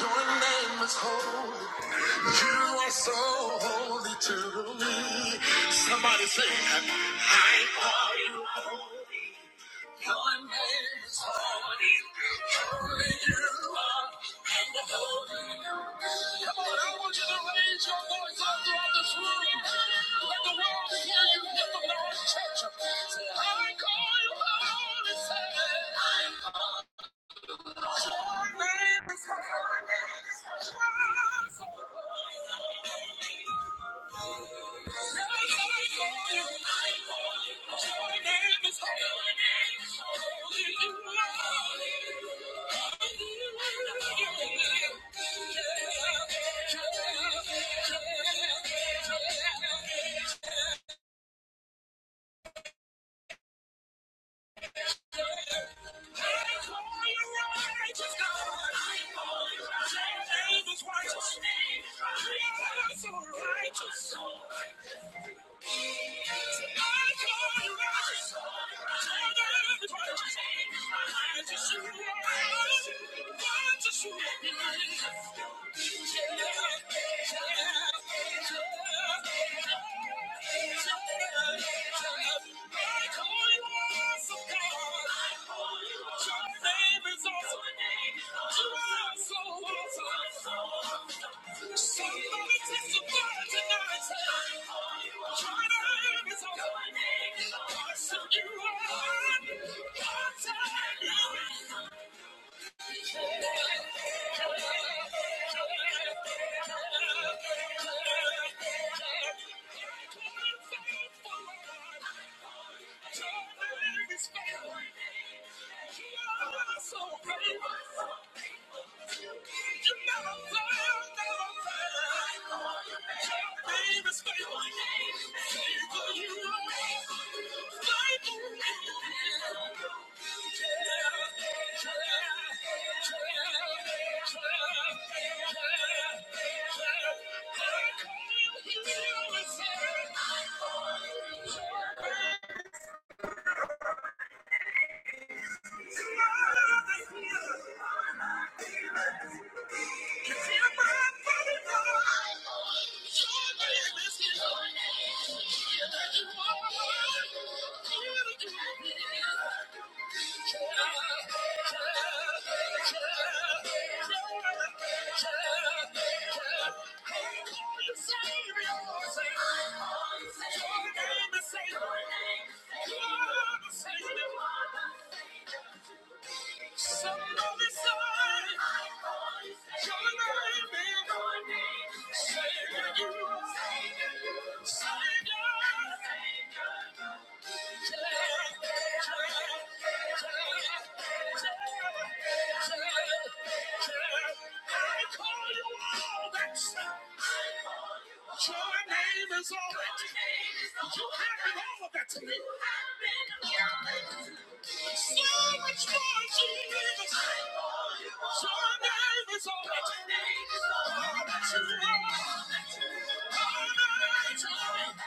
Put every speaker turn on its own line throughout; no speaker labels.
Your name is holy. You are so holy to me. Somebody say, I call you. Your name is holy. Holy you are, and holy you be. Come on, I want you to raise your voice up throughout this room. Let the world hear you. Let them know it's church. Say, I call you holy. Say, I call you. Yeah. Thank you. Thank you. know, yeah. Your your name name is Savior. Your name is Savior. Some know me, son. Your name is Savior. Savior. Savior. Your name is all that you have been all that to me. So much more, Jesus. Your name is all that you need. All that you are. All that you are.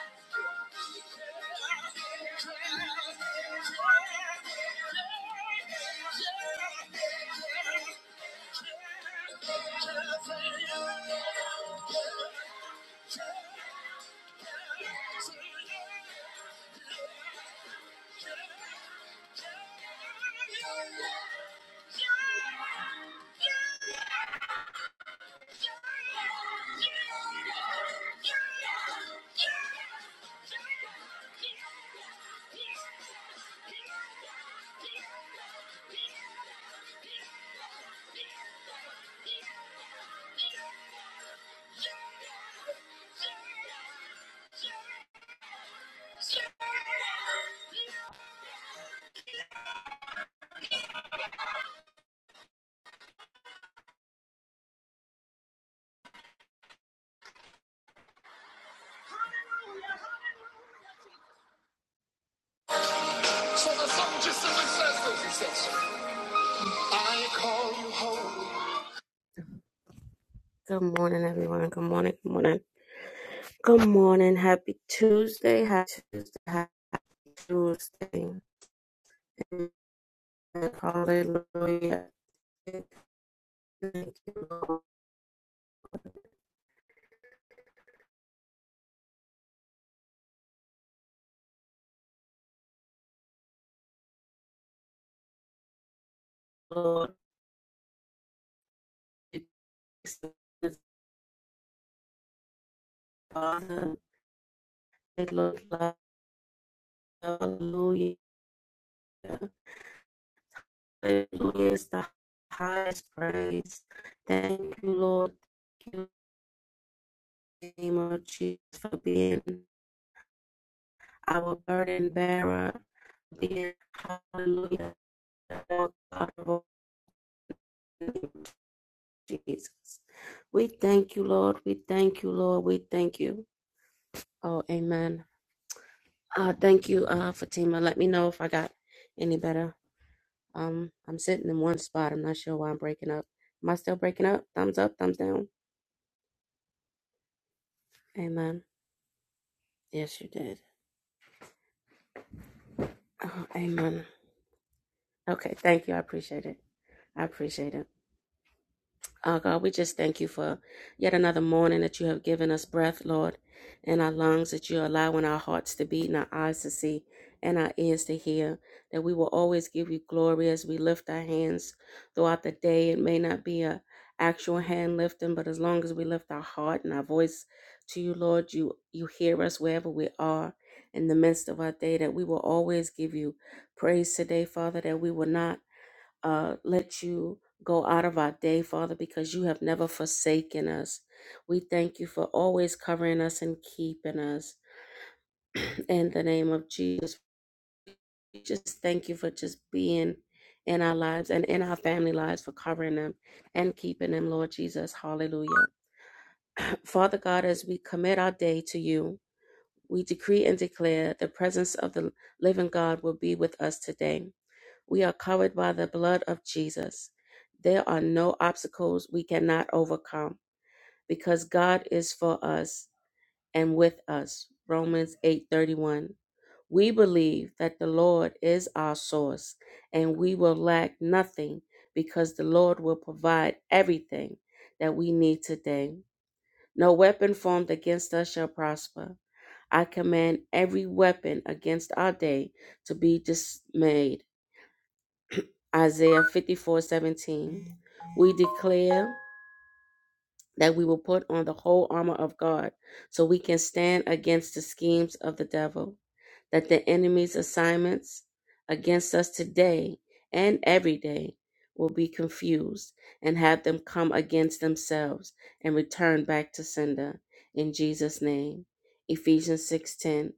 Good morning, everyone. Good morning. Good morning. Good morning. Happy Tuesday. Happy Tuesday. Happy Tuesday. Hallelujah. Thank you, Lord. It looks like hallelujah. Hallelujah is the highest praise. Thank you, Lord. Thank you, in the name of Jesus, for being our burden bearer. Being hallelujah, Lord God of all, in the name of Jesus. We thank you, Lord. We thank you, Lord. We thank you. Oh, amen. Uh, thank you, uh, Fatima. Let me know if I got any better. Um, I'm sitting in one spot. I'm not sure why I'm breaking up. Am I still breaking up? Thumbs up, thumbs down. Amen. Yes, you did. Oh, amen. Okay, thank you. I appreciate it. I appreciate it. Oh God, we just thank you for yet another morning that you have given us breath, Lord, and our lungs that you're allowing our hearts to beat and our eyes to see and our ears to hear. That we will always give you glory as we lift our hands throughout the day. It may not be a actual hand lifting, but as long as we lift our heart and our voice to you, Lord, you you hear us wherever we are in the midst of our day, that we will always give you praise today, Father, that we will not uh, let you go out of our day, Father, because you have never forsaken us. We thank you for always covering us and keeping us. In the name of Jesus, we just thank you for just being in our lives and in our family lives for covering them and keeping them, Lord Jesus. Hallelujah. Father God, as we commit our day to you, we decree and declare the presence of the living God will be with us today. We are covered by the blood of Jesus. There are no obstacles we cannot overcome because God is for us and with us. Romans 8:31. We believe that the Lord is our source and we will lack nothing because the Lord will provide everything that we need today. No weapon formed against us shall prosper. I command every weapon against our day to be dismayed Isaiah 54 17. We declare that we will put on the whole armor of God so we can stand against the schemes of the devil, that the enemy's assignments against us today and every day will be confused and have them come against themselves and return back to sender in Jesus name. Ephesians 6:10.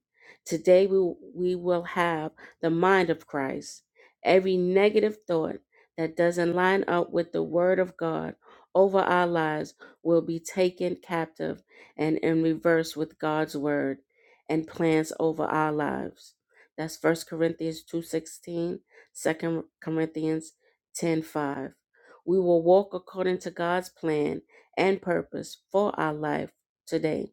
Today we we will have the mind of Christ. Every negative thought that doesn't line up with the word of God over our lives will be taken captive and in reverse with God's word and plans over our lives. That's First Corinthians two sixteen, Second Corinthians 10:5. We will walk according to God's plan and purpose for our life today.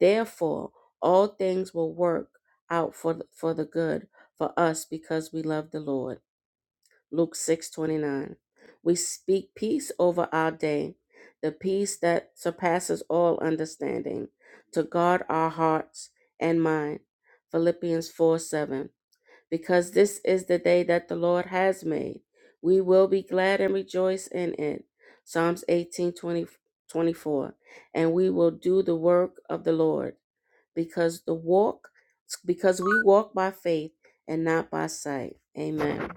Therefore, all things will work out for for the good for us because we love the Lord. Luke 6:29. We speak peace over our day, the peace that surpasses all understanding, to guard our hearts and mind. Philippians four seven, Because this is the day that the Lord has made, we will be glad and rejoice in it. Psalms eighteen twenty twenty four, And we will do the work of the Lord because the walk because we walk by faith and not by sight. Amen.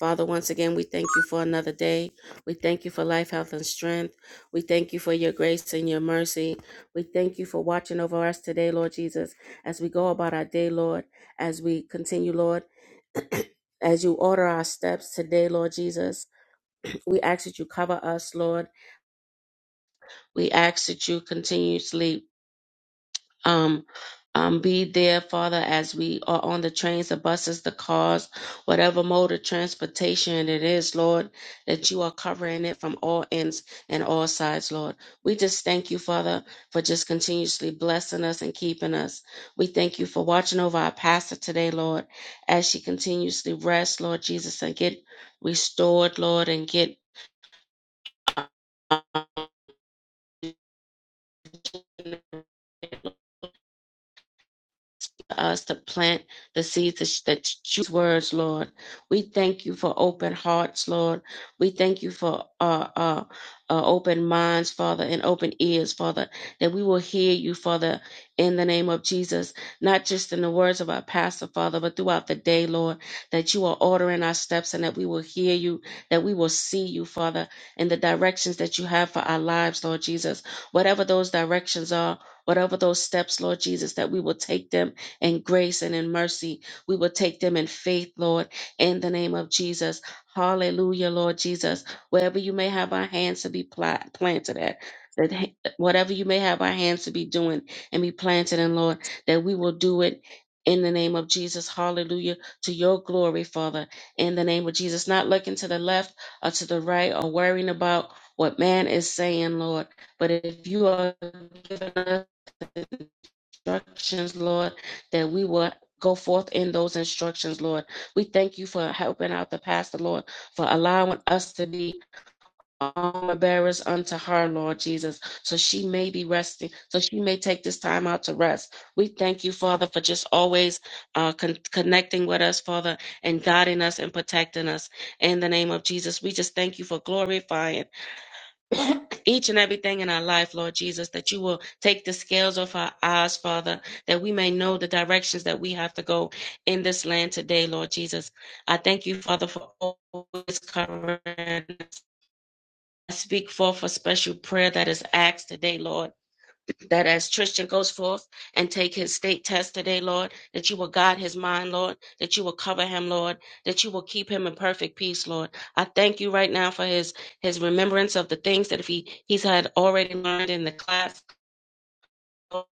Father, once again, we thank you for another day. We thank you for life, health, and strength. We thank you for your grace and your mercy. We thank you for watching over us today, Lord Jesus, as we go about our day, Lord, as we continue, Lord, as you order our steps today, Lord Jesus. We ask that you cover us, Lord. We ask that you continuously um, um, be there, Father, as we are on the trains, the buses, the cars, whatever mode of transportation it is, Lord, that you are covering it from all ends and all sides, Lord. We just thank you, Father, for just continuously blessing us and keeping us. We thank you for watching over our pastor today, Lord, as she continuously rests, Lord Jesus, and get restored, Lord, and get us to plant the seeds that choose words, Lord. We thank you for open hearts, Lord. We thank you for uh, uh, uh, open minds, Father, and open ears, Father, that we will hear you, Father, in the name of Jesus, not just in the words of our pastor, Father, but throughout the day, Lord, that you are ordering our steps and that we will hear you, that we will see you, Father, in the directions that you have for our lives, Lord Jesus. Whatever those directions are, whatever those steps, Lord Jesus, that we will take them and grace and in mercy. We will take them in faith, Lord, in the name of Jesus. Hallelujah, Lord Jesus. Wherever you may have our hands to be pla- planted at, that ha- whatever you may have our hands to be doing and be planted in, Lord, that we will do it in the name of Jesus. Hallelujah. To your glory, Father, in the name of Jesus. Not looking to the left or to the right or worrying about what man is saying, Lord. But if you are giving us instructions, Lord, that we will go forth in those instructions, Lord. We thank you for helping out the pastor, Lord, for allowing us to be armor bearers unto her, Lord Jesus, so she may be resting, so she may take this time out to rest. We thank you, Father, for just always uh, con- connecting with us, Father, and guiding us and protecting us. In the name of Jesus, we just thank you for glorifying each and everything in our life, Lord Jesus, that you will take the scales off our eyes, Father, that we may know the directions that we have to go in this land today, Lord Jesus. I thank you, Father, for always covering. us. I speak forth a special prayer that is asked today, Lord that as Tristan goes forth and take his state test today, Lord, that you will guide his mind, Lord, that you will cover him, Lord, that you will keep him in perfect peace, Lord. I thank you right now for his his remembrance of the things that if he he's had already learned in the class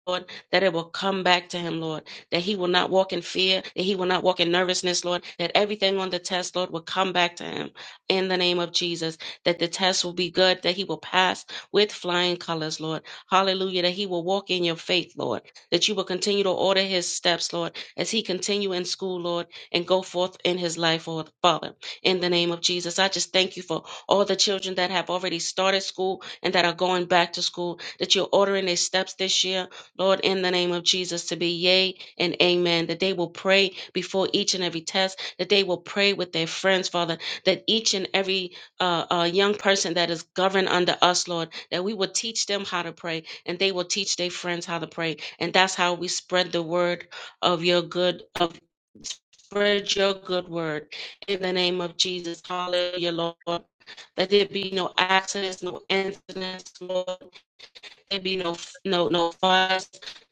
Lord, that it will come back to him, Lord, that he will not walk in fear, that he will not walk in nervousness, Lord, that everything on the test, Lord, will come back to him in the name of Jesus, that the test will be good, that he will pass with flying colors, Lord. Hallelujah, that he will walk in your faith, Lord, that you will continue to order his steps, Lord, as he continue in school, Lord, and go forth in his life, Lord, Father, in the name of Jesus. I just thank you for all the children that have already started school and that are going back to school, that you're ordering their steps this year, Lord, in the name of Jesus, to be yea and amen, that they will pray before each and every test, that they will pray with their friends, Father, that each and every uh, uh, young person that is governed under us, Lord, that we will teach them how to pray and they will teach their friends how to pray. And that's how we spread the word of your good, of spread your good word in the name of Jesus. Hallelujah, Lord. That there be no accidents, no incidents, Lord there be no no no fires,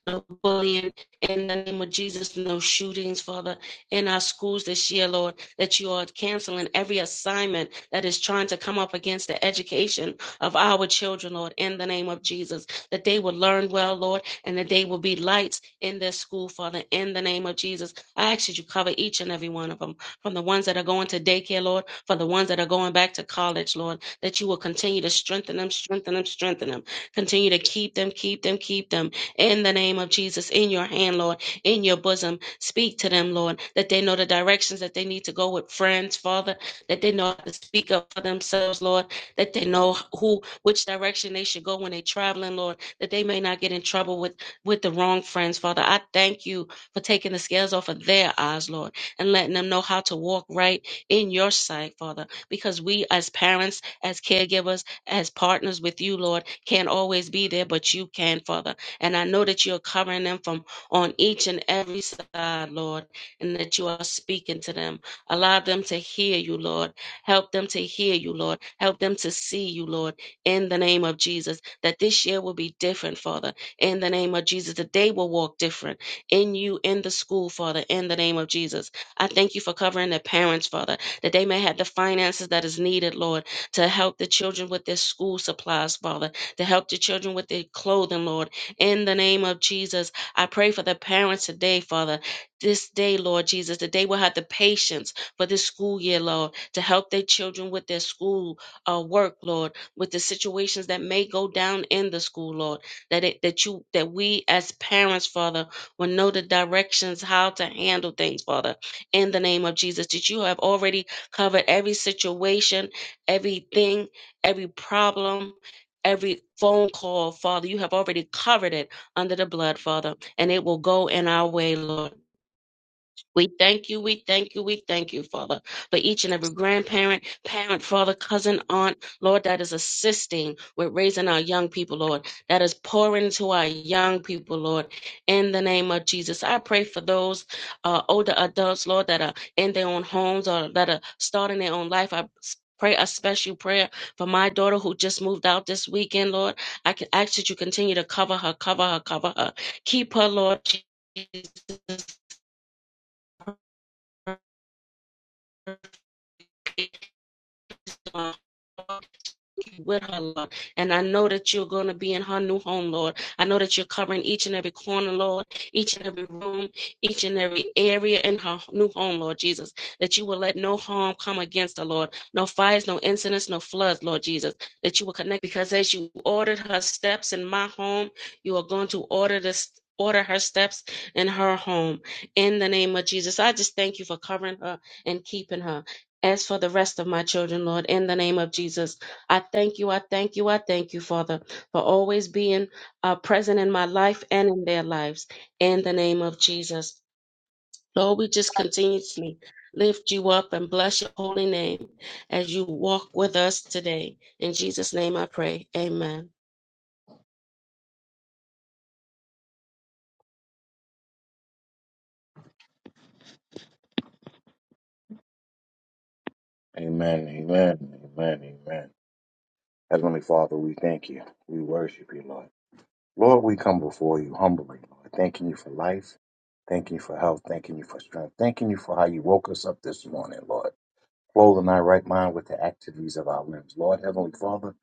no bullying. In the name of Jesus, no shootings, Father, in our schools this year, Lord, that you are canceling every assignment that is trying to come up against the education of our children, Lord, in the name of Jesus that they will learn well, Lord, and that they will be lights in their school, Father, in the name of Jesus. I ask that you cover each and every one of them, from the ones that are going to daycare, Lord, for the ones that are going back to college, Lord, that you will continue to strengthen them, strengthen them, strengthen them. Continue to keep them, keep them, keep them in the name of Jesus, in your hand, Lord, in your bosom. Speak to them, Lord, that they know the directions that they need to go with friends, Father, that they know how to speak up for themselves, Lord, that they know who, which direction they should go when they're traveling, Lord that they may not get in trouble with, with the wrong friends, Father. I thank you for taking the scales off of their eyes, Lord, and letting them know how to walk right in your sight, Father, because we as parents, as caregivers, as partners with you, Lord, can't always be there, but you can, Father. And I know that you're covering them from on each and every side, Lord, and that you are speaking to them. Allow them to hear you, Lord. Help them to hear you, Lord. Help them to see you, Lord, in the name of Jesus that this year will be different, Father, in the name of Jesus, that they will walk different in you, in the school, Father, in the name of Jesus. I thank you for covering the parents, Father, that they may have the finances that is needed, Lord, to help the children with their school supplies, Father, to help the children with their clothing, Lord, in the name of Jesus. I pray for the parents today, Father, this day, Lord Jesus, that they will have the patience for this school year, Lord, to help their children with their school uh, work, Lord with the situations that may go down in the school, Lord. That it that you that we as parents, Father, will know the directions how to handle things, Father, in the name of Jesus. That you have already covered every situation, everything, every problem. Every phone call, Father, you have already covered it under the blood, Father, and it will go in our way, Lord. We thank you, we thank you, we thank you, Father, for each and every grandparent, parent, father, cousin, aunt, Lord, that is assisting with raising our young people, Lord, that is pouring to our young people, Lord, in the name of Jesus. I pray for those uh, older adults, Lord, that are in their own homes or that are starting their own life. I Pray a special prayer for my daughter who just moved out this weekend, Lord. I can ask that you continue to cover her, cover her, cover her. Keep her, Lord. Jesus with her, Lord. And I know that you're going to be in her new home, Lord. I know that you're covering each and every corner, Lord, each and every room, each and every area in her new home, Lord Jesus. That you will let no harm come against her, Lord. No fires, no incidents, no floods, Lord Jesus. That you will connect because as you ordered her steps in my home, you are going to order this. Order her steps in her home in the name of Jesus. I just thank you for covering her and keeping her. As for the rest of my children, Lord, in the name of Jesus. I thank you, I thank you, I thank you, Father, for always being uh, present in my life and in their lives. In the name of Jesus. Lord, we just continuously lift you up and bless your holy name as you walk with us today. In Jesus' name I pray. Amen.
Amen, amen, amen, amen. Heavenly Father, we thank you. We worship you, Lord. Lord, we come before you humbly, Lord, thanking you for life, thanking you for health, thanking you for strength, thanking you for how you woke us up this morning, Lord clothe in our right mind with the activities of our limbs. Lord Heavenly Father,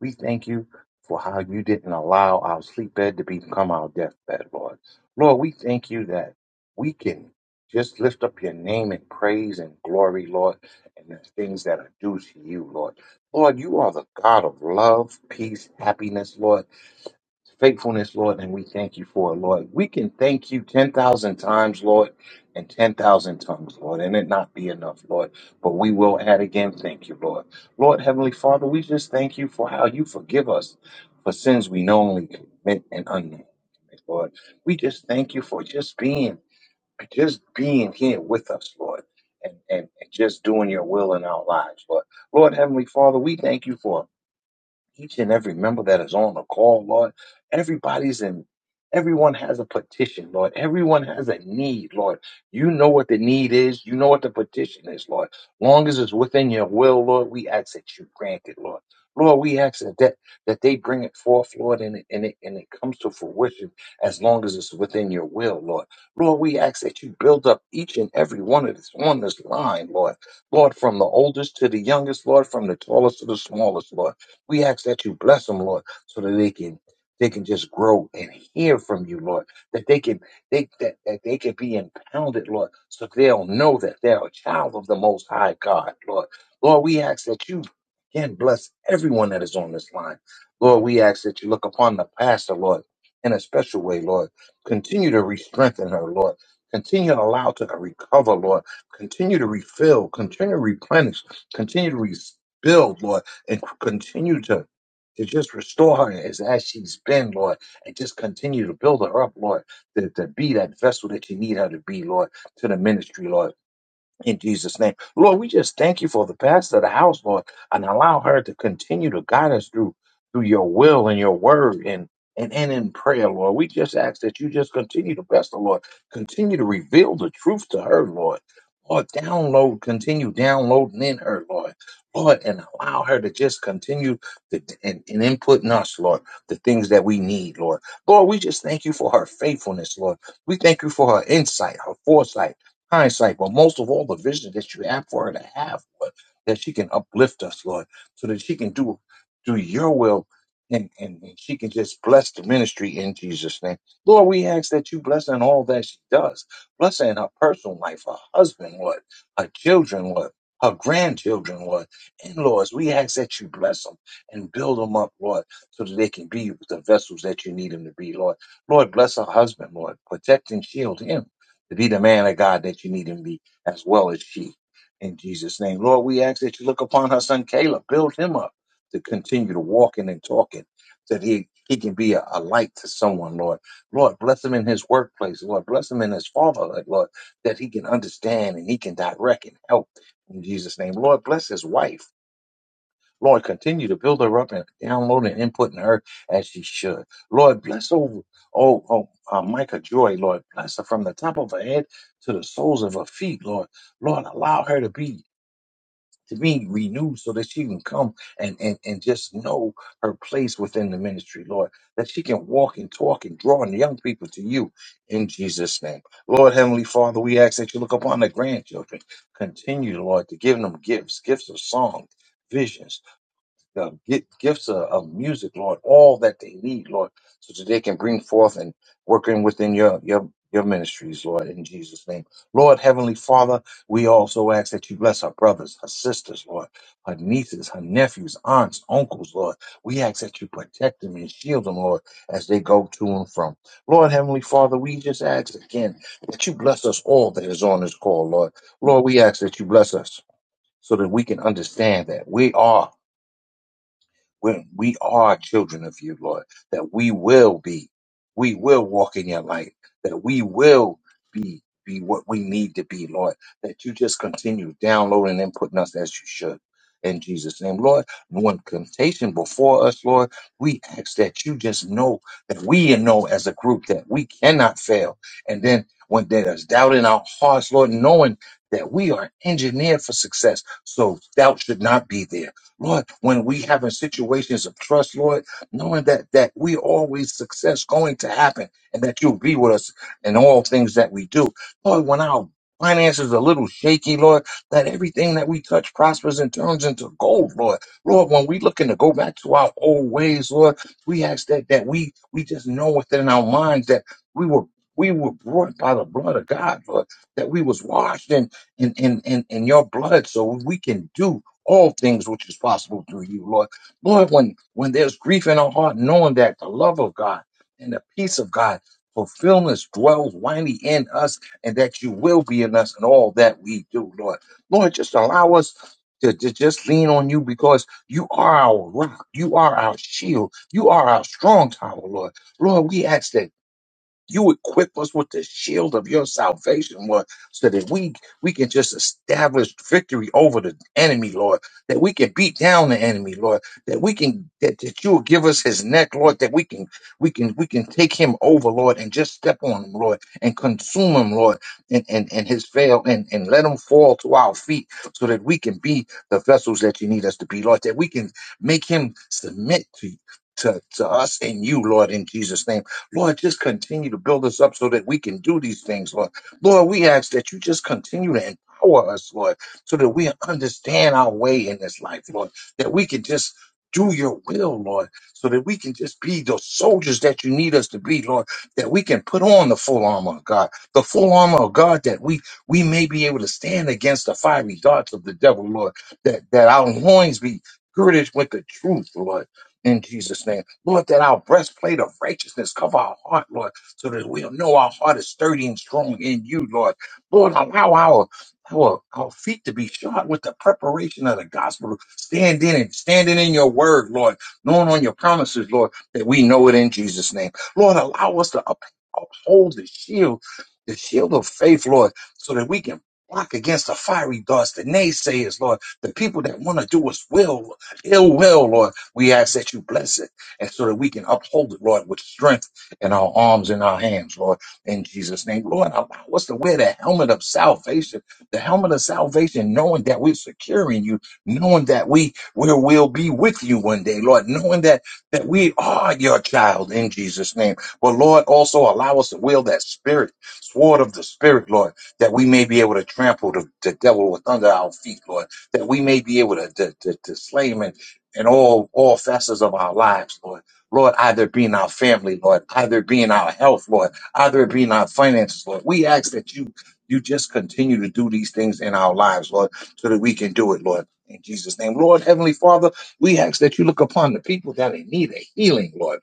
we thank you for how you didn't allow our sleep bed to become our deathbed, Lord. Lord, we thank you that we can just lift up your name in praise and glory, Lord, and the things that are due to you, Lord. Lord, you are the God of love, peace, happiness, Lord faithfulness, Lord, and we thank you for it, Lord. We can thank you 10,000 times, Lord, and 10,000 tongues, Lord, and it not be enough, Lord. But we will add again, thank you, Lord. Lord, Heavenly Father, we just thank you for how you forgive us for sins we knowingly commit and unknown. Lord, we just thank you for just being, just being here with us, Lord, and, and, and just doing your will in our lives, Lord. Lord, Heavenly Father, we thank you for each and every member that is on the call, Lord. Everybody's in, everyone has a petition, Lord. Everyone has a need, Lord. You know what the need is. You know what the petition is, Lord. Long as it's within your will, Lord, we ask that you grant it, Lord. Lord, we ask that that, that they bring it forth, Lord, and it, and, it, and it comes to fruition as long as it's within your will, Lord. Lord, we ask that you build up each and every one of us on this line, Lord. Lord, from the oldest to the youngest, Lord, from the tallest to the smallest, Lord. We ask that you bless them, Lord, so that they can they can just grow and hear from you, Lord. That they can they that, that they can be impounded, Lord, so they'll know that they're a child of the Most High God, Lord. Lord, we ask that you again bless everyone that is on this line, Lord. We ask that you look upon the pastor, Lord, in a special way, Lord. Continue to re-strengthen her, Lord. Continue to allow her to recover, Lord. Continue to refill. Continue to replenish. Continue to rebuild, Lord and continue to to just restore her as, as she's been, Lord, and just continue to build her up, Lord, to, to be that vessel that you need her to be, Lord, to the ministry, Lord in Jesus' name. Lord, we just thank you for the pastor of the house, Lord, and allow her to continue to guide us through through your will and your word and and, and in prayer, Lord. We just ask that you just continue to bless the Lord. Continue to reveal the truth to her, Lord. Lord, download, continue downloading in her, Lord. Lord, and allow her to just continue to, and, and input in us, Lord, the things that we need, Lord. Lord, we just thank you for her faithfulness, Lord. We thank you for her insight, her foresight, hindsight, but most of all, the vision that you have for her to have, Lord, that she can uplift us, Lord, so that she can do do your will and, and, and she can just bless the ministry in Jesus' name. Lord, we ask that you bless her in all that she does. Bless her in her personal life, her husband, Lord, her children, Lord, her grandchildren, Lord, in-laws. we ask that you bless them and build them up, Lord, so that they can be the vessels that you need them to be, Lord. Lord, bless her husband, Lord. Protect and shield him to be the man of God that you need him to be, as well as she. In Jesus' name, Lord, we ask that you look upon her son Caleb, build him up to continue to walking and talking, so that he, he can be a, a light to someone, Lord. Lord, bless him in his workplace, Lord. Bless him in his fatherhood, Lord, that he can understand and he can direct and help. In Jesus' name, Lord, bless his wife. Lord, continue to build her up and download and input in her as she should. Lord, bless over oh, oh uh, Micah Joy, Lord, bless her from the top of her head to the soles of her feet, Lord. Lord, allow her to be to be renewed so that she can come and, and, and just know her place within the ministry, Lord, that she can walk and talk and draw the young people to you in Jesus' name. Lord, Heavenly Father, we ask that you look upon the grandchildren. Continue, Lord, to give them gifts, gifts of song, visions uh, get gifts of, of music, Lord, all that they need, Lord, so that they can bring forth and working within your your your ministries, Lord, in Jesus' name. Lord, Heavenly Father, we also ask that you bless our brothers, her sisters, Lord, her nieces, her nephews, aunts, uncles, Lord. We ask that you protect them and shield them, Lord, as they go to and from. Lord, Heavenly Father, we just ask again that you bless us all that is on this call, Lord. Lord, we ask that you bless us so that we can understand that we are when we are children of you, Lord, that we will be, we will walk in your light, that we will be be what we need to be, Lord, that you just continue downloading and putting us as you should. In Jesus' name, Lord, no one temptation before us, Lord, we ask that you just know that we know as a group that we cannot fail. And then when there's doubt in our hearts, Lord, knowing that we are engineered for success, so doubt should not be there Lord, when we have in situations of trust, Lord, knowing that that we always success going to happen and that you'll be with us in all things that we do. Lord, when our finances are a little shaky, Lord, that everything that we touch prospers and turns into gold, Lord. Lord, when we looking to go back to our old ways, Lord, we ask that that we we just know within our minds that we were we were brought by the blood of God, Lord, that we was washed in in in in, in your blood so we can do all things which is possible through you, Lord. Lord, when, when there's grief in our heart, knowing that the love of God and the peace of God, fulfillment dwells winding in us, and that you will be in us in all that we do, Lord. Lord, just allow us to, to just lean on you because you are our rock, you are our shield, you are our strong tower, Lord. Lord, we ask that you equip us with the shield of your salvation, Lord, so that we we can just establish victory over the enemy, Lord. That we can beat down the enemy, Lord. That we can that, that you will give us his neck, Lord. That we can we can we can take him over, Lord, and just step on him, Lord, and consume him, Lord, and and, and his fail and and let him fall to our feet, so that we can be the vessels that you need us to be, Lord. That we can make him submit to to, to us and you, Lord, in Jesus' name. Lord, just continue to build us up so that we can do these things, Lord. Lord, we ask that you just continue to empower us, Lord, so that we understand our way in this life, Lord, that we can just do your will, Lord, so that we can just be the soldiers that you need us to be, Lord, that we can put on the full armor of God, the full armor of God that we we may be able to stand against the fiery darts of the devil, Lord, that, that our loins be girded with the truth, Lord in Jesus' name. Lord, that our breastplate of righteousness cover our heart, Lord, so that we'll know our heart is sturdy and strong in you, Lord. Lord, allow our our, our feet to be shod with the preparation of the gospel. Stand in and standing in your word, Lord, knowing on your promises, Lord, that we know it in Jesus' name. Lord, allow us to up- uphold the shield, the shield of faith, Lord, so that we can block against the fiery darts, the naysayers, Lord, the people that want to do us will, ill will, Lord. We ask that you bless it and so that we can uphold it, Lord, with strength in our arms and our hands, Lord, in Jesus' name. Lord, allow us to wear the helmet of salvation, the helmet of salvation, knowing that we're securing you, knowing that we we will be with you one day, Lord, knowing that that we are your child in Jesus' name. But Lord, also allow us to wield that spirit, sword of the spirit, Lord, that we may be able to trample the, the devil with under our feet, Lord, that we may be able to, to, to, to slay him in all all facets of our lives, Lord. Lord, either it be in our family, Lord, either it be in our health, Lord, either it be in our finances, Lord. We ask that you you just continue to do these things in our lives, Lord, so that we can do it, Lord. In Jesus' name. Lord, Heavenly Father, we ask that you look upon the people that in need of healing, Lord.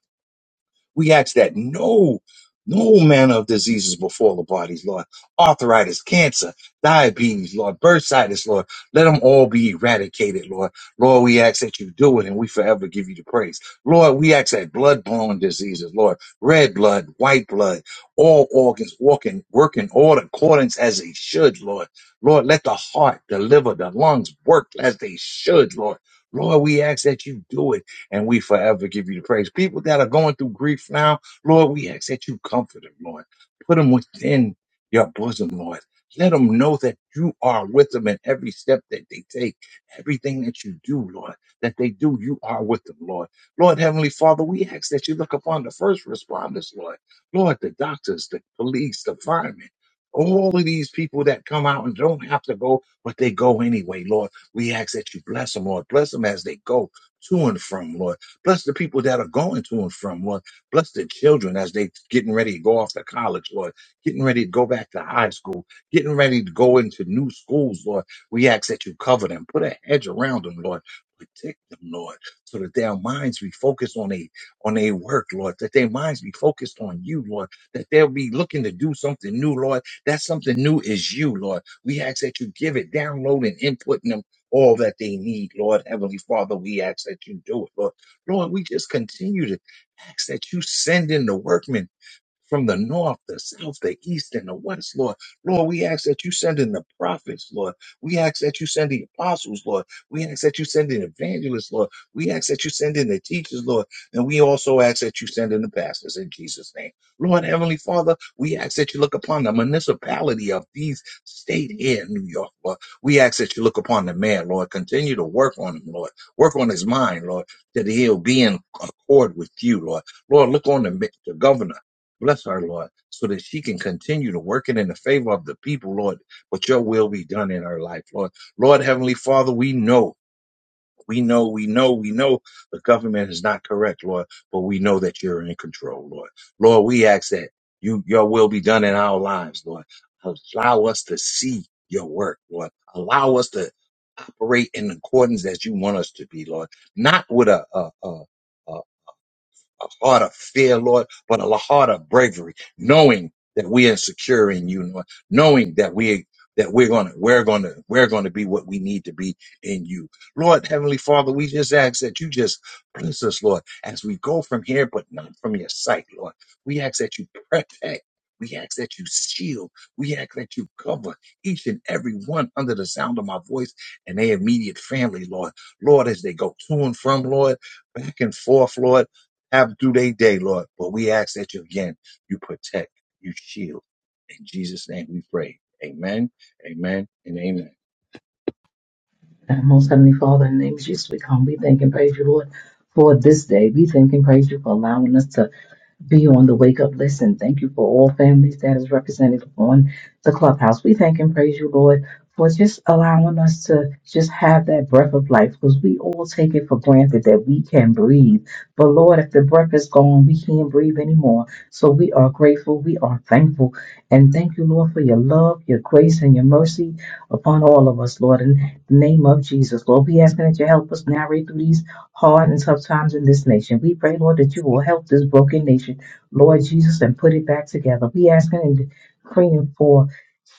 We ask that no, no manner of diseases befall the bodies, Lord. Arthritis, cancer, diabetes, Lord, bursitis, Lord. Let them all be eradicated, Lord. Lord, we ask that you do it and we forever give you the praise. Lord, we ask that blood-borne diseases, Lord, red blood, white blood, all organs walking, working all accordance as they should, Lord. Lord, let the heart, the liver, the lungs work as they should, Lord. Lord, we ask that you do it and we forever give you the praise. People that are going through grief now, Lord, we ask that you comfort them, Lord. Put them within your bosom, Lord. Let them know that you are with them in every step that they take, everything that you do, Lord, that they do, you are with them, Lord. Lord, Heavenly Father, we ask that you look upon the first responders, Lord. Lord, the doctors, the police, the firemen, all of these people that come out and don't have to go, but they go anyway, Lord. We ask that you bless them, Lord. Bless them as they go to and from, Lord. Bless the people that are going to and from, Lord. Bless the children as they getting ready to go off to college, Lord. Getting ready to go back to high school. Getting ready to go into new schools, Lord. We ask that you cover them. Put a hedge around them, Lord. Protect them, Lord, so that their minds be focused on a on their work, Lord. That their minds be focused on you, Lord. That they'll be looking to do something new, Lord. That something new is you, Lord. We ask that you give it, download, and input in them all that they need, Lord. Heavenly Father, we ask that you do it, Lord. Lord, we just continue to ask that you send in the workmen from the north, the south, the east, and the west, Lord. Lord, we ask that you send in the prophets, Lord. We ask that you send the apostles, Lord. We ask that you send in evangelists, Lord. We ask that you send in the teachers, Lord. And we also ask that you send in the pastors in Jesus' name. Lord, Heavenly Father, we ask that you look upon the municipality of these state here in New York, Lord. We ask that you look upon the man, Lord. Continue to work on him, Lord. Work on his mind, Lord, that he'll be in accord with you, Lord. Lord, look on the, the governor. Bless her, Lord, so that she can continue to work it in the favor of the people, Lord, but your will be done in her life, Lord. Lord, Heavenly Father, we know, we know, we know, we know the government is not correct, Lord, but we know that you're in control, Lord. Lord, we ask that you, your will be done in our lives, Lord. Allow us to see your work, Lord. Allow us to operate in accordance as you want us to be, Lord. Not with a, a, a, a heart of fear, Lord, but a heart of bravery, knowing that we are secure in you, Lord, knowing that we that we're gonna we're gonna we're gonna be what we need to be in you. Lord, Heavenly Father, we just ask that you just bless us, Lord, as we go from here, but not from your sight, Lord. We ask that you protect. We ask that you shield. We ask that you cover each and every one under the sound of my voice and their immediate family, Lord. Lord, as they go to and from, Lord, back and forth, Lord have through their day, Lord. But we ask that you again, you protect, you shield. In Jesus' name we pray. Amen, amen, and amen.
Our most heavenly Father, in the name of Jesus, we come. We thank and praise you, Lord, for this day. We thank and praise you for allowing us to be on the wake up list. And thank you for all families that is represented on the clubhouse. We thank and praise you, Lord, for just allowing us to just have that breath of life because we all take it for granted that we can breathe. But Lord, if the breath is gone, we can't breathe anymore. So we are grateful. We are thankful. And thank you, Lord, for your love, your grace, and your mercy upon all of us, Lord. In the name of Jesus, Lord, we asking that you help us navigate through these hard and tough times in this nation. We pray, Lord, that you will help this broken nation Lord Jesus, and put it back together. We asking and praying for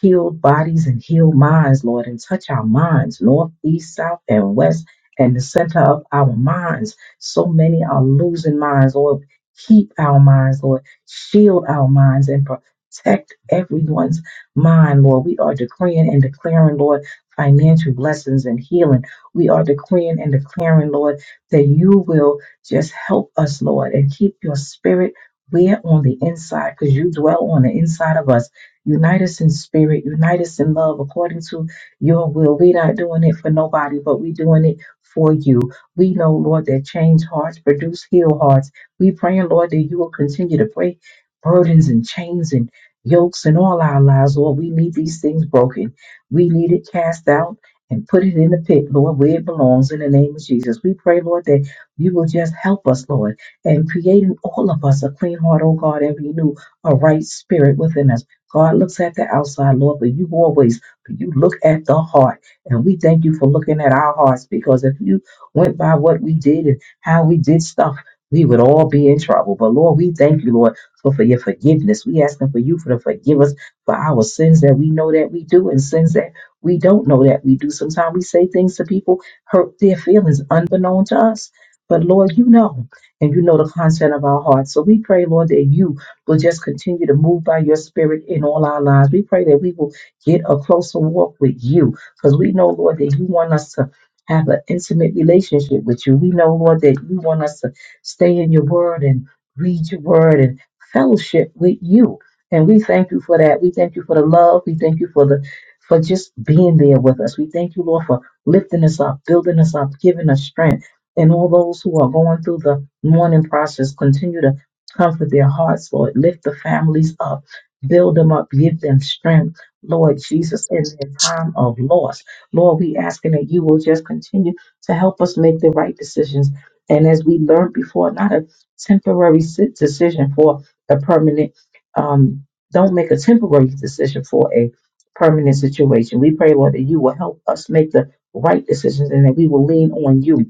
healed bodies and healed minds, Lord, and touch our minds, north, east, south, and west, and the center of our minds. So many are losing minds, Lord. Keep our minds, Lord. Shield our minds and protect everyone's mind, Lord. We are decreeing and declaring, Lord, financial blessings and healing. We are decreeing and declaring, Lord, that you will just help us, Lord, and keep your spirit we're on the inside because you dwell on the inside of us. Unite us in spirit, unite us in love according to your will. We're not doing it for nobody, but we're doing it for you. We know, Lord, that change hearts produce heal hearts. We praying, Lord, that you will continue to break burdens and chains and yokes in all our lives, Lord. We need these things broken. We need it cast out and put it in the pit, Lord, where it belongs in the name of Jesus. We pray, Lord, that you will just help us, Lord and creating all of us a clean heart, oh God, and renew a right spirit within us. God looks at the outside, Lord, but you always, but you look at the heart. And we thank you for looking at our hearts because if you went by what we did and how we did stuff, we would all be in trouble. But Lord, we thank you, Lord, for, for your forgiveness. We asking for you for to forgive us for our sins that we know that we do and sins that we don't know that we do. Sometimes we say things to people, hurt their feelings unbeknown to us. But Lord, you know and you know the content of our hearts. So we pray, Lord, that you will just continue to move by your spirit in all our lives. We pray that we will get a closer walk with you because we know, Lord, that you want us to have an intimate relationship with you. We know, Lord, that you want us to stay in your word and read your word and fellowship with you. And we thank you for that. We thank you for the love. We thank you for the for just being there with us. We thank you, Lord, for lifting us up, building us up, giving us strength. And all those who are going through the mourning process. Continue to comfort their hearts, Lord. Lift the families up, build them up, give them strength, Lord Jesus, in their time of loss. Lord, we asking that you will just continue to help us make the right decisions. And as we learned before, not a temporary si- decision for a permanent, um, don't make a temporary decision for a permanent situation. We pray, Lord, that you will help us make the right decisions and that we will lean on you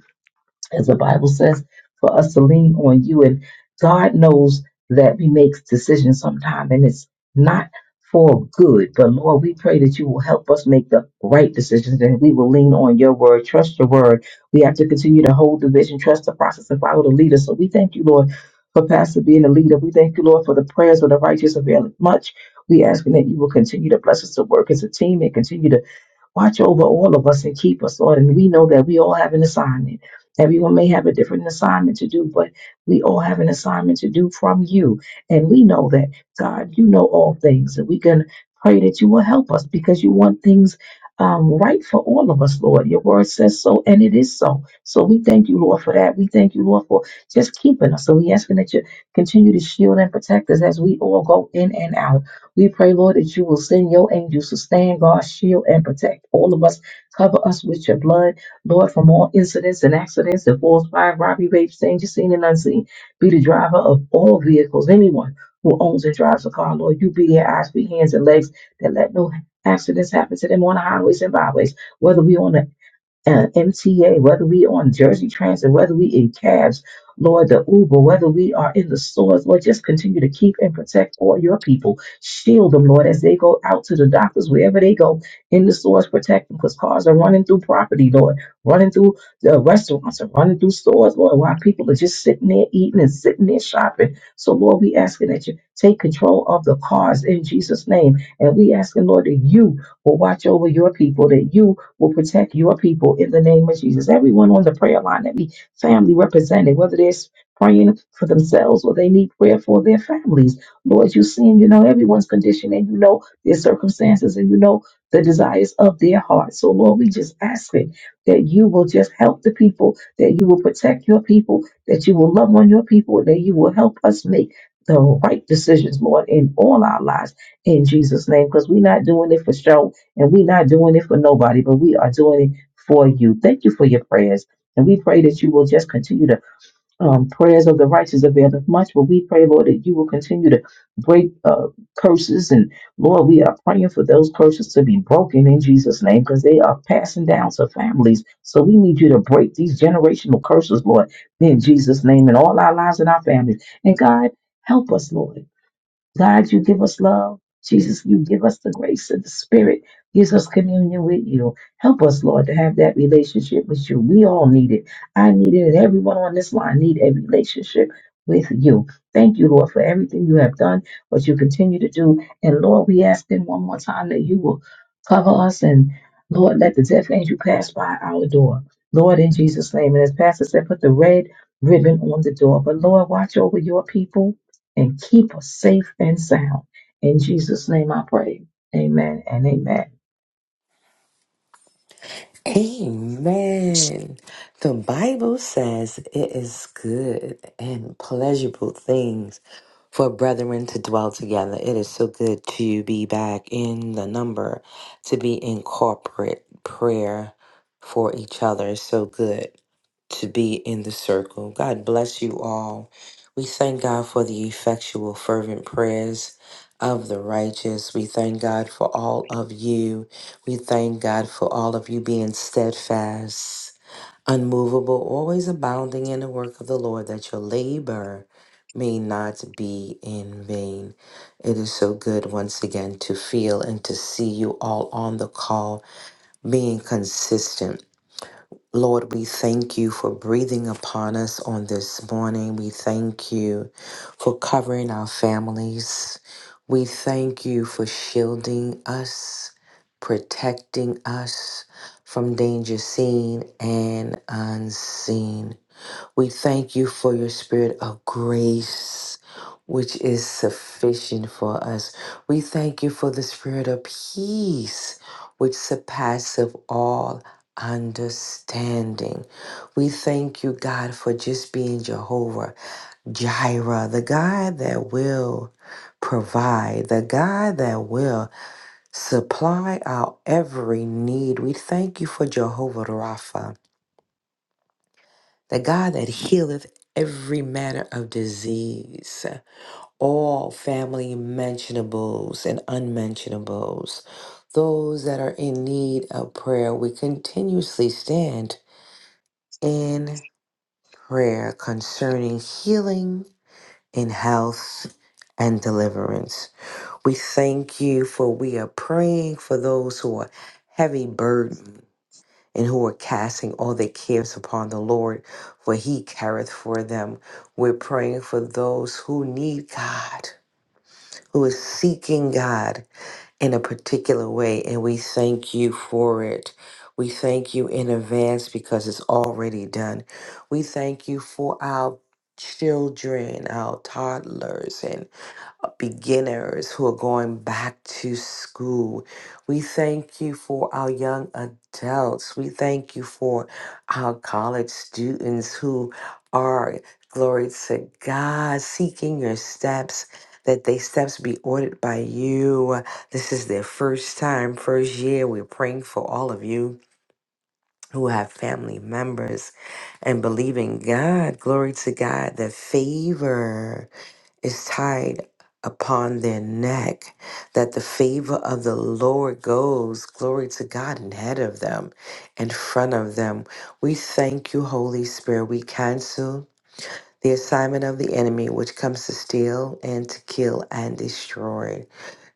as the Bible says, for us to lean on you. And God knows that we make decisions sometime and it's not for good. But Lord, we pray that you will help us make the right decisions and we will lean on your word, trust your word. We have to continue to hold the vision, trust the process, and follow the leader. So we thank you, Lord, for Pastor being a leader. We thank you, Lord, for the prayers of the righteous avail much. We ask that you will continue to bless us to work as a team and continue to Watch over all of us and keep us, Lord. And we know that we all have an assignment. Everyone may have a different assignment to do, but we all have an assignment to do from you. And we know that, God, you know all things. And we can pray that you will help us because you want things um, right for all of us, Lord. Your word says so, and it is so. So we thank you, Lord, for that. We thank you, Lord, for just keeping us. So we asking that you continue to shield and protect us as we all go in and out. We pray, Lord, that you will send your angels to stand guard, shield, and protect all of us. Cover us with your blood, Lord, from all incidents and accidents that falls by robbery, rape, danger, seen and unseen. Be the driver of all vehicles. Anyone who owns and drives a car, Lord, you be their eyes, be hands, and legs that let no accidents happen to them on the highways and byways, whether we on the uh, MTA, whether we on Jersey Transit, whether we in cabs, Lord, the Uber, whether we are in the stores, Lord, just continue to keep and protect all your people. Shield them, Lord, as they go out to the doctors, wherever they go in the stores, protect them because cars are running through property, Lord, running through the restaurants and running through stores, Lord, while people are just sitting there eating and sitting there shopping. So, Lord, we asking that you take control of the cars in Jesus' name. And we asking, Lord, that you will watch over your people, that you will protect your people in the name of Jesus. Everyone on the prayer line, every family represented, whether they're praying for themselves or they need prayer for their families. Lord, you see, and you know everyone's condition and you know their circumstances and you know the desires of their heart. So, Lord, we just ask it that you will just help the people, that you will protect your people, that you will love on your people, that you will help us make the right decisions, Lord, in all our lives in Jesus' name, because we're not doing it for show. And we're not doing it for nobody, but we are doing it for you. Thank you for your prayers. And we pray that you will just continue to, um, prayers of the righteous avail of much, but we pray, Lord, that you will continue to break uh, curses. And Lord, we are praying for those curses to be broken in Jesus' name because they are passing down to families. So we need you to break these generational curses, Lord, in Jesus' name, in all our lives and our families. And God, help us, Lord. God, you give us love. Jesus, you give us the grace of the Spirit, gives us communion with you. Help us, Lord, to have that relationship with you. We all need it. I need it, and everyone on this line need a relationship with you. Thank you, Lord, for everything you have done, what you continue to do. And Lord, we ask in one more time that you will cover us and Lord, let the death angel pass by our door. Lord, in Jesus' name. And as Pastor said, put the red ribbon on the door. But Lord, watch over your people and keep us safe and sound. In Jesus' name I pray. Amen and amen.
Amen. The Bible says it is good and pleasurable things for brethren to dwell together. It is so good to be back in the number, to be in corporate prayer for each other. It's so good to be in the circle. God bless you all. We thank God for the effectual, fervent prayers of the righteous. We thank God for all of you we thank God for all of you being steadfast, unmovable, always abounding in the work of the Lord, that your labor may not be in vain. It is so good once again to feel and to see you all on the call being consistent Lord, we thank you for breathing upon us on this morning. We thank you for covering our families. We thank you for shielding us, protecting us from danger seen and unseen. We thank you for your spirit of grace, which is sufficient for us. We thank you for the spirit of peace, which surpasses all understanding. We thank you, God, for just being Jehovah Jireh, the God that will provide, the God that will supply our every need. We thank you for Jehovah Rapha the God that healeth every manner of disease, all family mentionables and unmentionables, those that are in need of prayer, we continuously stand in prayer concerning healing and health and deliverance. We thank you for we are praying for those who are heavy burdened and who are casting all their cares upon the Lord, for he careth for them. We're praying for those who need God, who is seeking God in a particular way, and we thank you for it. We thank you in advance because it's already done. We thank you for our children, our toddlers, beginners who are going back to school. We thank you for our young adults. We thank you for our college students who are, glory to God, seeking your steps. That they steps be ordered by you. This is their first time, first year. We're praying for all of you who have family members and believing God. Glory to God, the favor is tied upon their neck, that the favor of the Lord goes, glory to God, and ahead of them, in front of them. We thank you, Holy Spirit. We cancel the assignment of the enemy, which comes to steal and to kill and destroy.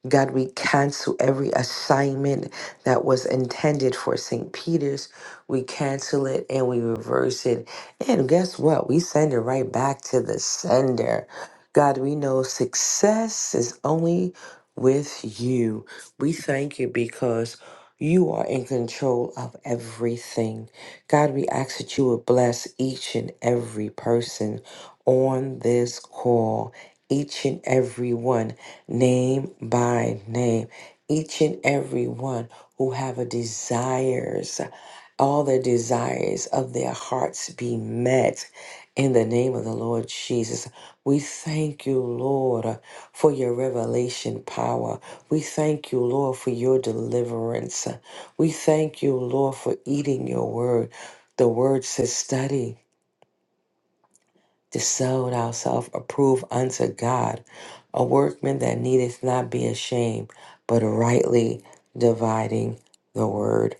God, we cancel every assignment that was intended for St. Peter's. We cancel it and we reverse it. And guess what? We send it right back to the sender. God, we know success is only with you. We thank you because you are in control of everything. God, we ask that you would bless each and every person on this call, each and every one name by name. Each and every one who have a desires, all the desires of their hearts be met in the name of the Lord Jesus. We thank you, Lord, for your revelation power. We thank you, Lord, for your deliverance. We thank you, Lord, for eating your word. The word says study to sell thyself approved unto God, a workman that needeth not be ashamed, but rightly dividing the word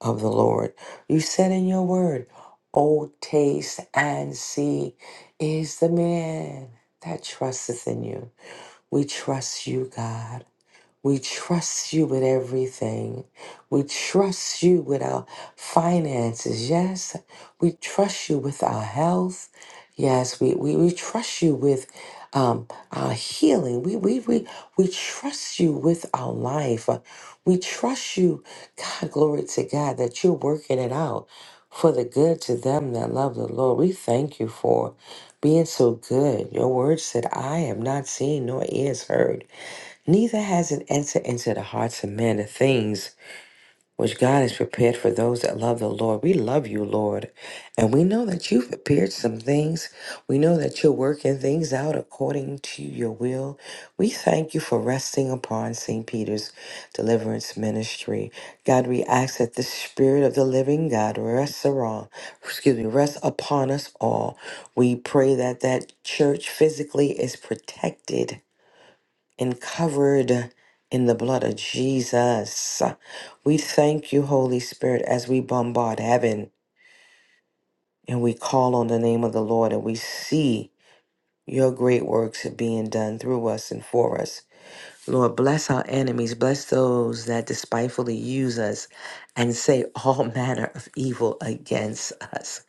of the Lord. You said in your word, Oh, taste and see is the man that trusteth in you. We trust you, God. We trust you with everything. We trust you with our finances. Yes, we trust you with our health. Yes, we, we, we trust you with um, our healing. We, we, we, we trust you with our life. We trust you, God, glory to God, that you're working it out for the good to them that love the Lord. We thank you for being so good. Your word said, I have not seen nor ears heard Neither has it entered into the hearts of men the things which God has prepared for those that love the Lord. We love you, Lord. And we know that you've prepared some things. We know that you're working things out according to your will. We thank you for resting upon St. Peter's deliverance ministry. God, we ask that the Spirit of the living God rests around, excuse me, rests upon us all. We pray that that church physically is protected and covered in the blood of Jesus. We thank you, Holy Spirit, as we bombard heaven and we call on the name of the Lord and we see your great works being done through us and for us. Lord, bless our enemies, bless those that despitefully use us and say all manner of evil against us.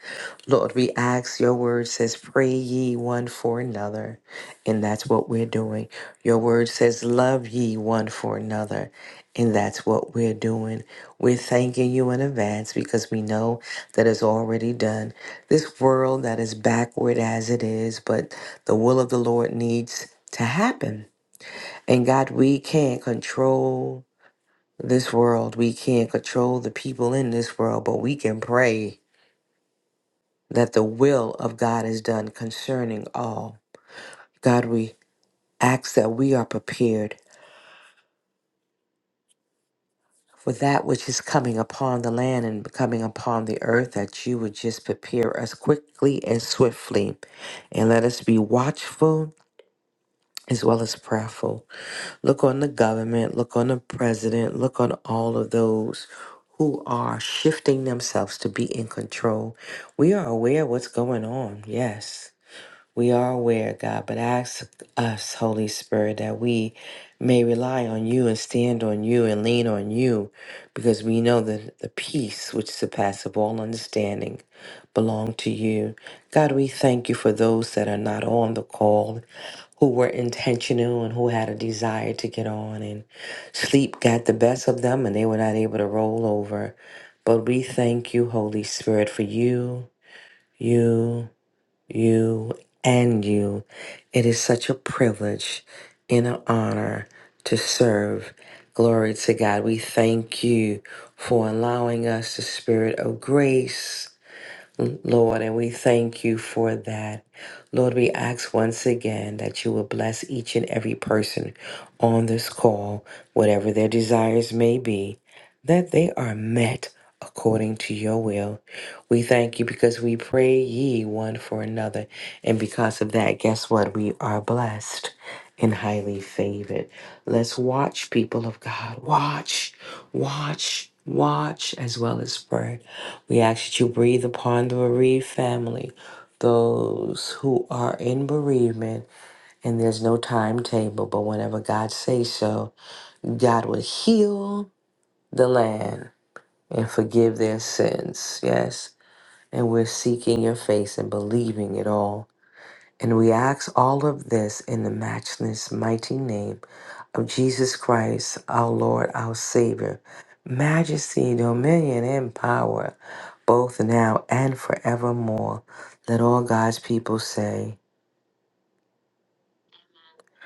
Lord, we ask your word says, pray ye one for another. And that's what we're doing. Your word says, love ye one for another. And that's what we're doing. We're thanking you in advance because we know that it's already done. This world that is backward as it is, but the will of the Lord needs to happen. And God, we can't control this world. We can't control the people in this world, but we can pray that the will of God is done concerning all. God, we ask that we are prepared for that which is coming upon the land and coming upon the earth, that you would just prepare us quickly and swiftly. And let us be watchful as well as prayerful. Look on the government, look on the president, look on all of those who are shifting themselves to be in control. We are aware of what's going on, yes. We are aware, God, but ask us, Holy Spirit, that we may rely on you and stand on you and lean on you because we know that the peace which surpasses all understanding belong to you. God, we thank you for those that are not on the call who were intentional and who had a desire to get on and sleep got the best of them and they were not able to roll over. But we thank you, Holy Spirit, for you, you, you and you. It is such a privilege and an honor to serve. Glory to God. We thank you for allowing us the spirit of grace you, Lord, and we thank you for that. Lord, we ask once again that you will bless each and every person on this call, whatever their desires may be, that they are met according to your will. We thank you because we pray ye one for another. And because of that, guess what? We are blessed and highly favored. Let's watch, people of God. Watch, watch, watch, as well as pray. We ask that you breathe upon the bereaved family, those who are in bereavement, and there's no timetable, but whenever God says so, God will heal the land and forgive their sins. Yes. And we're seeking your face and believing it all and we ask all of this in the matchless, mighty name of Jesus Christ, our Lord, our Savior, majesty, dominion, and power, both now and forevermore. Let all God's people say,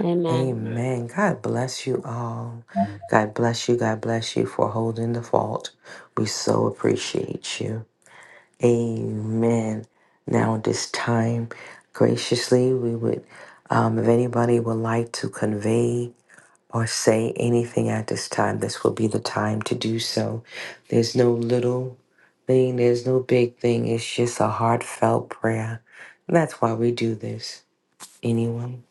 Amen.
Amen. God bless you all. God bless you. God bless you for holding the fault. We so appreciate you. Amen. Now, at this time, graciously, we would, um, if anybody would like to convey or say anything at this time, this will be the time to do so. There's no little thing, there's no big thing. It's just a heartfelt prayer. That's why we do this. Anyone?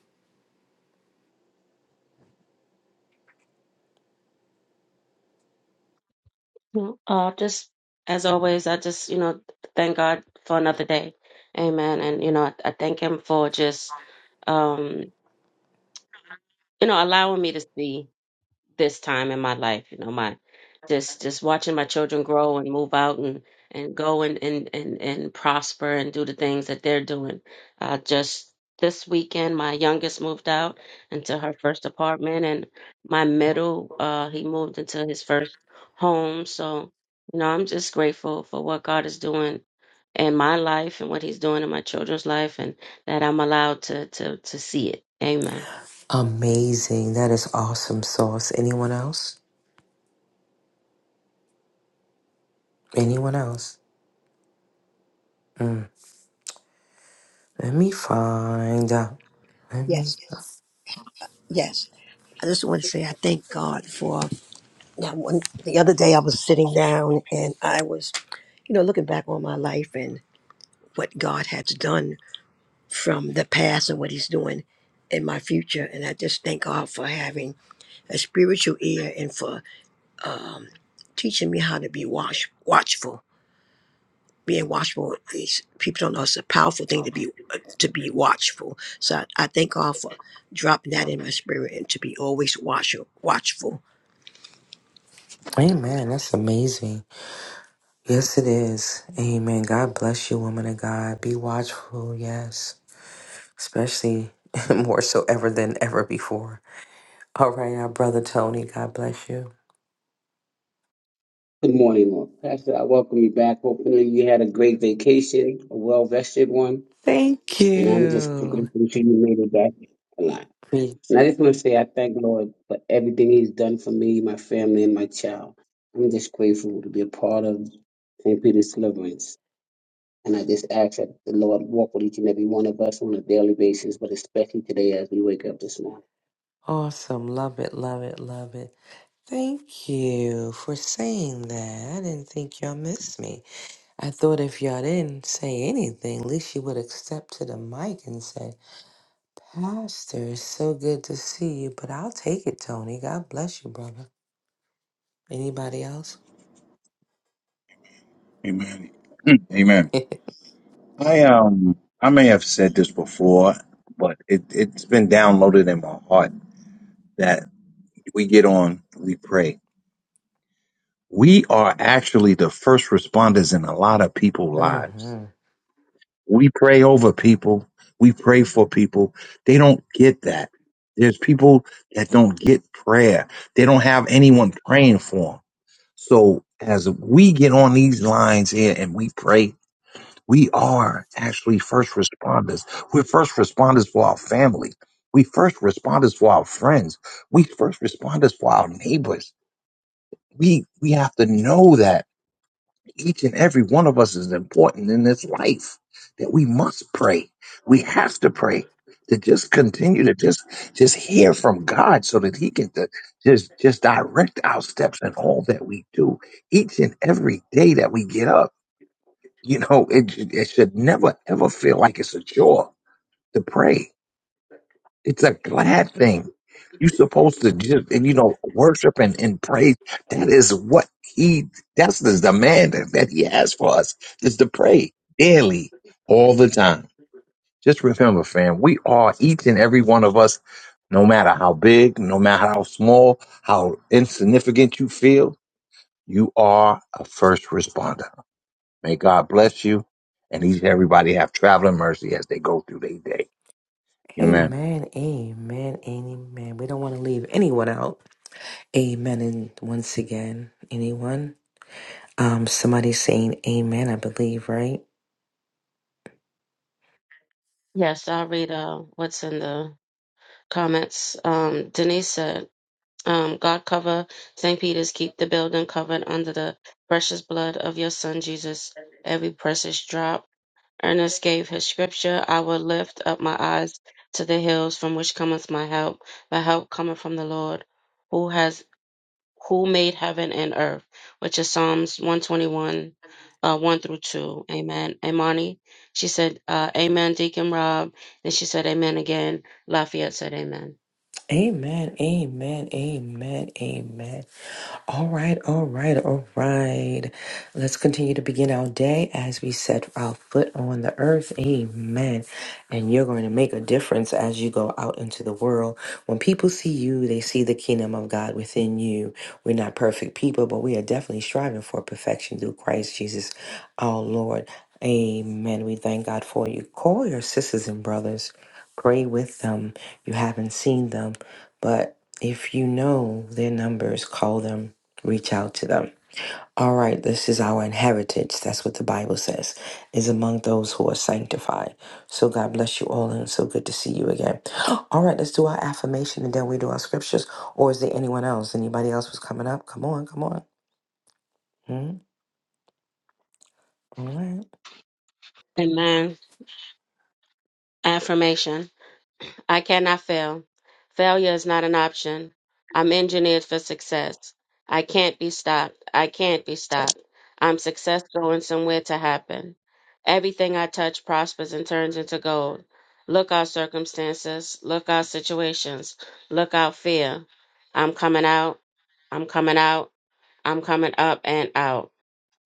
Well, Uh, just as always, I just, you know, thank God for another day. Amen. And, you know, I, I thank Him for just, um, you know, allowing me to see. this time in my life you know my just just watching my children grow and move out and and go and and and, and prosper and do the things that they're doing uh just this weekend my youngest moved out into her first apartment and my middle uh he moved into his first home so you know i'm just grateful for what god is doing in my life and what he's doing in my children's life and that i'm allowed to to to see it amen
Amazing. That is awesome sauce. Anyone else? Anyone else? Mm. Let me find out. Let me.
Yes, yes. I just want to say I thank God for now. One the other day I was sitting down and I was, you know, looking back on my life and what God has done from the past and what He's doing in my future. And I just thank God for having a spiritual ear and for teaching me how to be watch watchful. Being watchful is people don't know it's a powerful thing to be to be watchful. So I, I thank God for dropping that in my spirit and to be always watch, watchful
Amen. That's amazing. Yes, it is. Amen. God bless you, woman of God. Be watchful. Yes. Especially more so ever than ever before. All right, our brother Tony, God bless you.
Good morning, Lord. Pastor. I welcome you back. Hopefully, you had a great vacation, a well vested one,
Thank
and I'm just
you.
grateful that you made it back alive.
Be
And I just want to say I thank Lord for everything He's done for me, my family, and my child. I'm just grateful to be a part of St. Peter's Deliverance. And I just ask that the Lord walk with each and every one of us on a daily basis, but especially today as we wake up this morning.
awesome. Love it, love it, love it. Thank you for saying that. I didn't think y'all missed me. I thought if y'all didn't say anything, at least you would have stepped to the mic and said, Pastor, it's so good to see you. But I'll take it, Tony. God bless you, brother. Anybody else?
Amen. Amen. I um I may have said this before, but it, it's been downloaded in my heart that we get on, we pray. We are actually the first responders in a lot of people's lives.
hmm
We pray over people. We pray for people. They don't get that. There's people that don't get prayer. They don't have anyone praying for them. So as we get on these lines here and we pray, we are actually first responders. We're first responders for our family. We first responders for our friends. We first responders for our neighbors. We we have to know that each and every one of us is important in this life that we must pray we have to pray to just continue to just just hear from god so that he can to just just direct our steps in all that we do each and every day that we get up you know it, it should never ever feel like it's a chore to pray it's a glad thing. You're supposed to just, and you know, worship and, and praise. That is what he, that's the demand that that he has for us is to pray daily, all the time. Just remember, fam, we are each and every one of us, no matter how big, no matter how small, how insignificant you feel, you are a first responder. May God bless you and each and everybody have traveling mercy as they go through their day. Amen.
Amen. Amen. Amen. We don't want to leave anyone out. Amen. And once again, anyone? Um, somebody saying amen, I believe, right?
Yes, I'll read uh, what's in the comments. Um, Denise said, um, God cover St. Peter's, keep the building covered under the precious blood of your son Jesus, every precious drop. Ernest gave his scripture, I will lift up my eyes to the hills from which cometh my help. My help cometh from the Lord, who has who made heaven and earth, which is Psalms 121, uh, 1 through 2. Amen. Imani, she said, uh, Amen, Deacon Rob. And she said, Amen again. Lafayette said, Amen.
Amen. Amen. Amen. Amen. All right, all right, all right. Let's continue to begin our day as we set our foot on the earth. Amen. And you're going to make a difference as you go out into the world. When people see you, they see the kingdom of God within you. We're not perfect people, but we are definitely striving for perfection through Christ Jesus, our Lord. Amen. We thank God for you. Call your sisters and brothers, pray with them. You haven't seen them, but if you know their numbers, call them reach out to them. All right, this is our inheritance. That's what the Bible says, is among those who are sanctified. So God bless you all, and it's so good to see you again. All right, let's do our affirmation and then we do our scriptures. Or is there anyone else? Anybody else was coming up? Come on, come on. Hmm, All right.
Amen. Affirmation. I cannot fail. Failure is not an option. I'm engineered for success. I can't be stopped. I can't be stopped. I'm success going somewhere to happen. Everything I touch prospers and turns into gold. Look out circumstances. Look out situations. Look out fear. I'm coming out. I'm coming out. I'm coming up and out.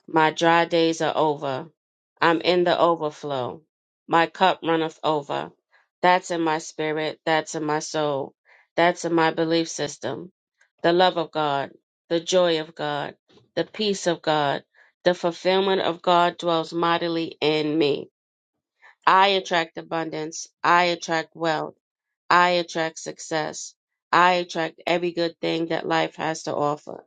My dry days are over. I'm in the overflow. My cup runneth over. That's in my spirit. That's in my soul. That's in my belief system. The love of God, the joy of God, the peace of God, the fulfillment of God dwells mightily in me. I attract abundance. I attract wealth. I attract success. I attract every good thing that life has to offer.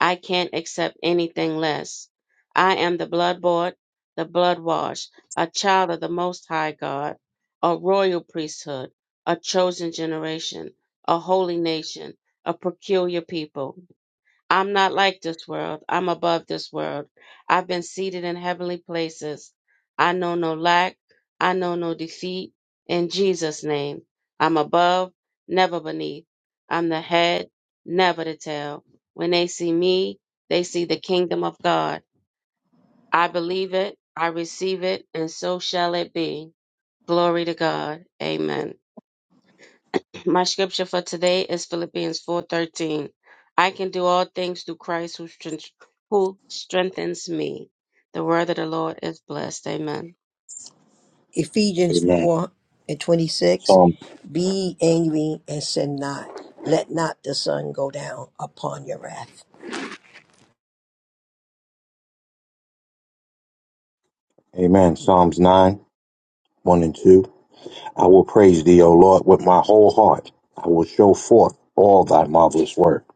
I can't accept anything less. I am the blood bought, the blood washed, a child of the Most High God, a royal priesthood, a chosen generation, a holy nation, a peculiar people. I'm not like this world. I'm above this world. I've been seated in heavenly places. I know no lack. I know no defeat. In Jesus' name, I'm above, never beneath. I'm the head, never the tail. When they see me, they see the kingdom of God. I believe it. I receive it. And so shall it be. Glory to God. Amen. My scripture for today is Philippians 4:13. I can do all things through Christ who, strength- who strengthens me. The word of the Lord is blessed. Amen.
Ephesians
Amen.
4 and 26. Be angry and sin not. Let not the sun go down upon your wrath.
Amen. Psalms 9, 1 and 2. I will praise thee, O Lord, with my whole heart. I will show forth all thy marvelous work.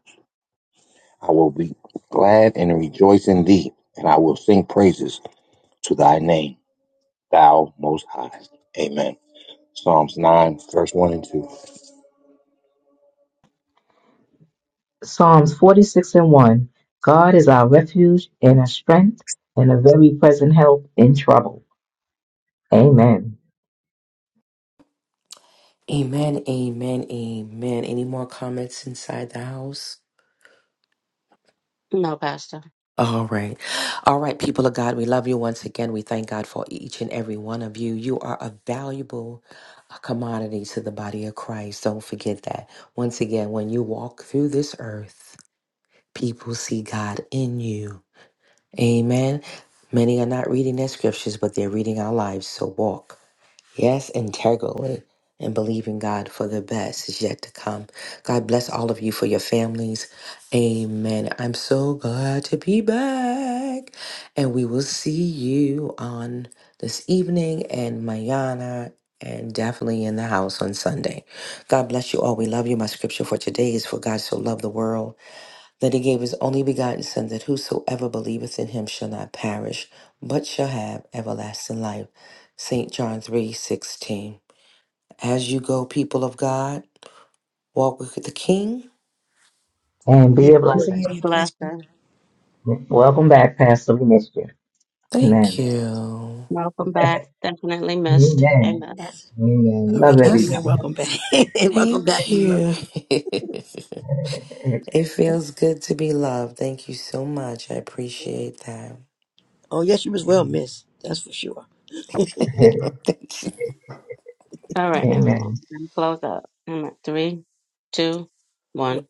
I will be glad and rejoice in thee, and I will sing praises to thy name, thou most high. Amen. Psalms 9, verse 1 and 2.
Psalms 46 and 1. God is our refuge and our strength and a very present help in trouble. Amen.
Amen, amen, amen. Any more comments inside the house?
No, Pastor.
All right. All right, people of God, we love you once again. We thank God for each and every one of you. You are a valuable uh, commodity to the body of Christ. Don't forget that. Once again, when you walk through this earth, people see God in you. Amen. Many are not reading their scriptures, but they're reading our lives. So walk. Yes, integrally and believing God for the best is yet to come. God bless all of you for your families. Amen. I'm so glad to be back. And we will see you on this evening and Mayana and definitely in the house on Sunday. God bless you all. We love you. My scripture for today is for God so loved the world that he gave his only begotten Son, that whosoever believeth in him shall not perish, but shall have everlasting life. St. John three sixteen. As you go, people of God, walk with the King.
And
And
be
be
it
a
Be
blessing.
a
Be a blessing.
blessing.
Welcome back, Pastor. We missed you.
Thank
Amen.
you.
Welcome back. Definitely missed.
Amen.
Amen.
Yes.
Amen.
Sorry,
Love
KB,
That's
and
everybody.
welcome back. welcome back.
thank
We love
you. it
you.
feels good to be loved. Thank you so much. I appreciate that.
Oh, yes, you was well, miss. That's for sure.
Thank you.
All right,
Amen.
everyone. We're gonna Close up. Amen. Three, two, one.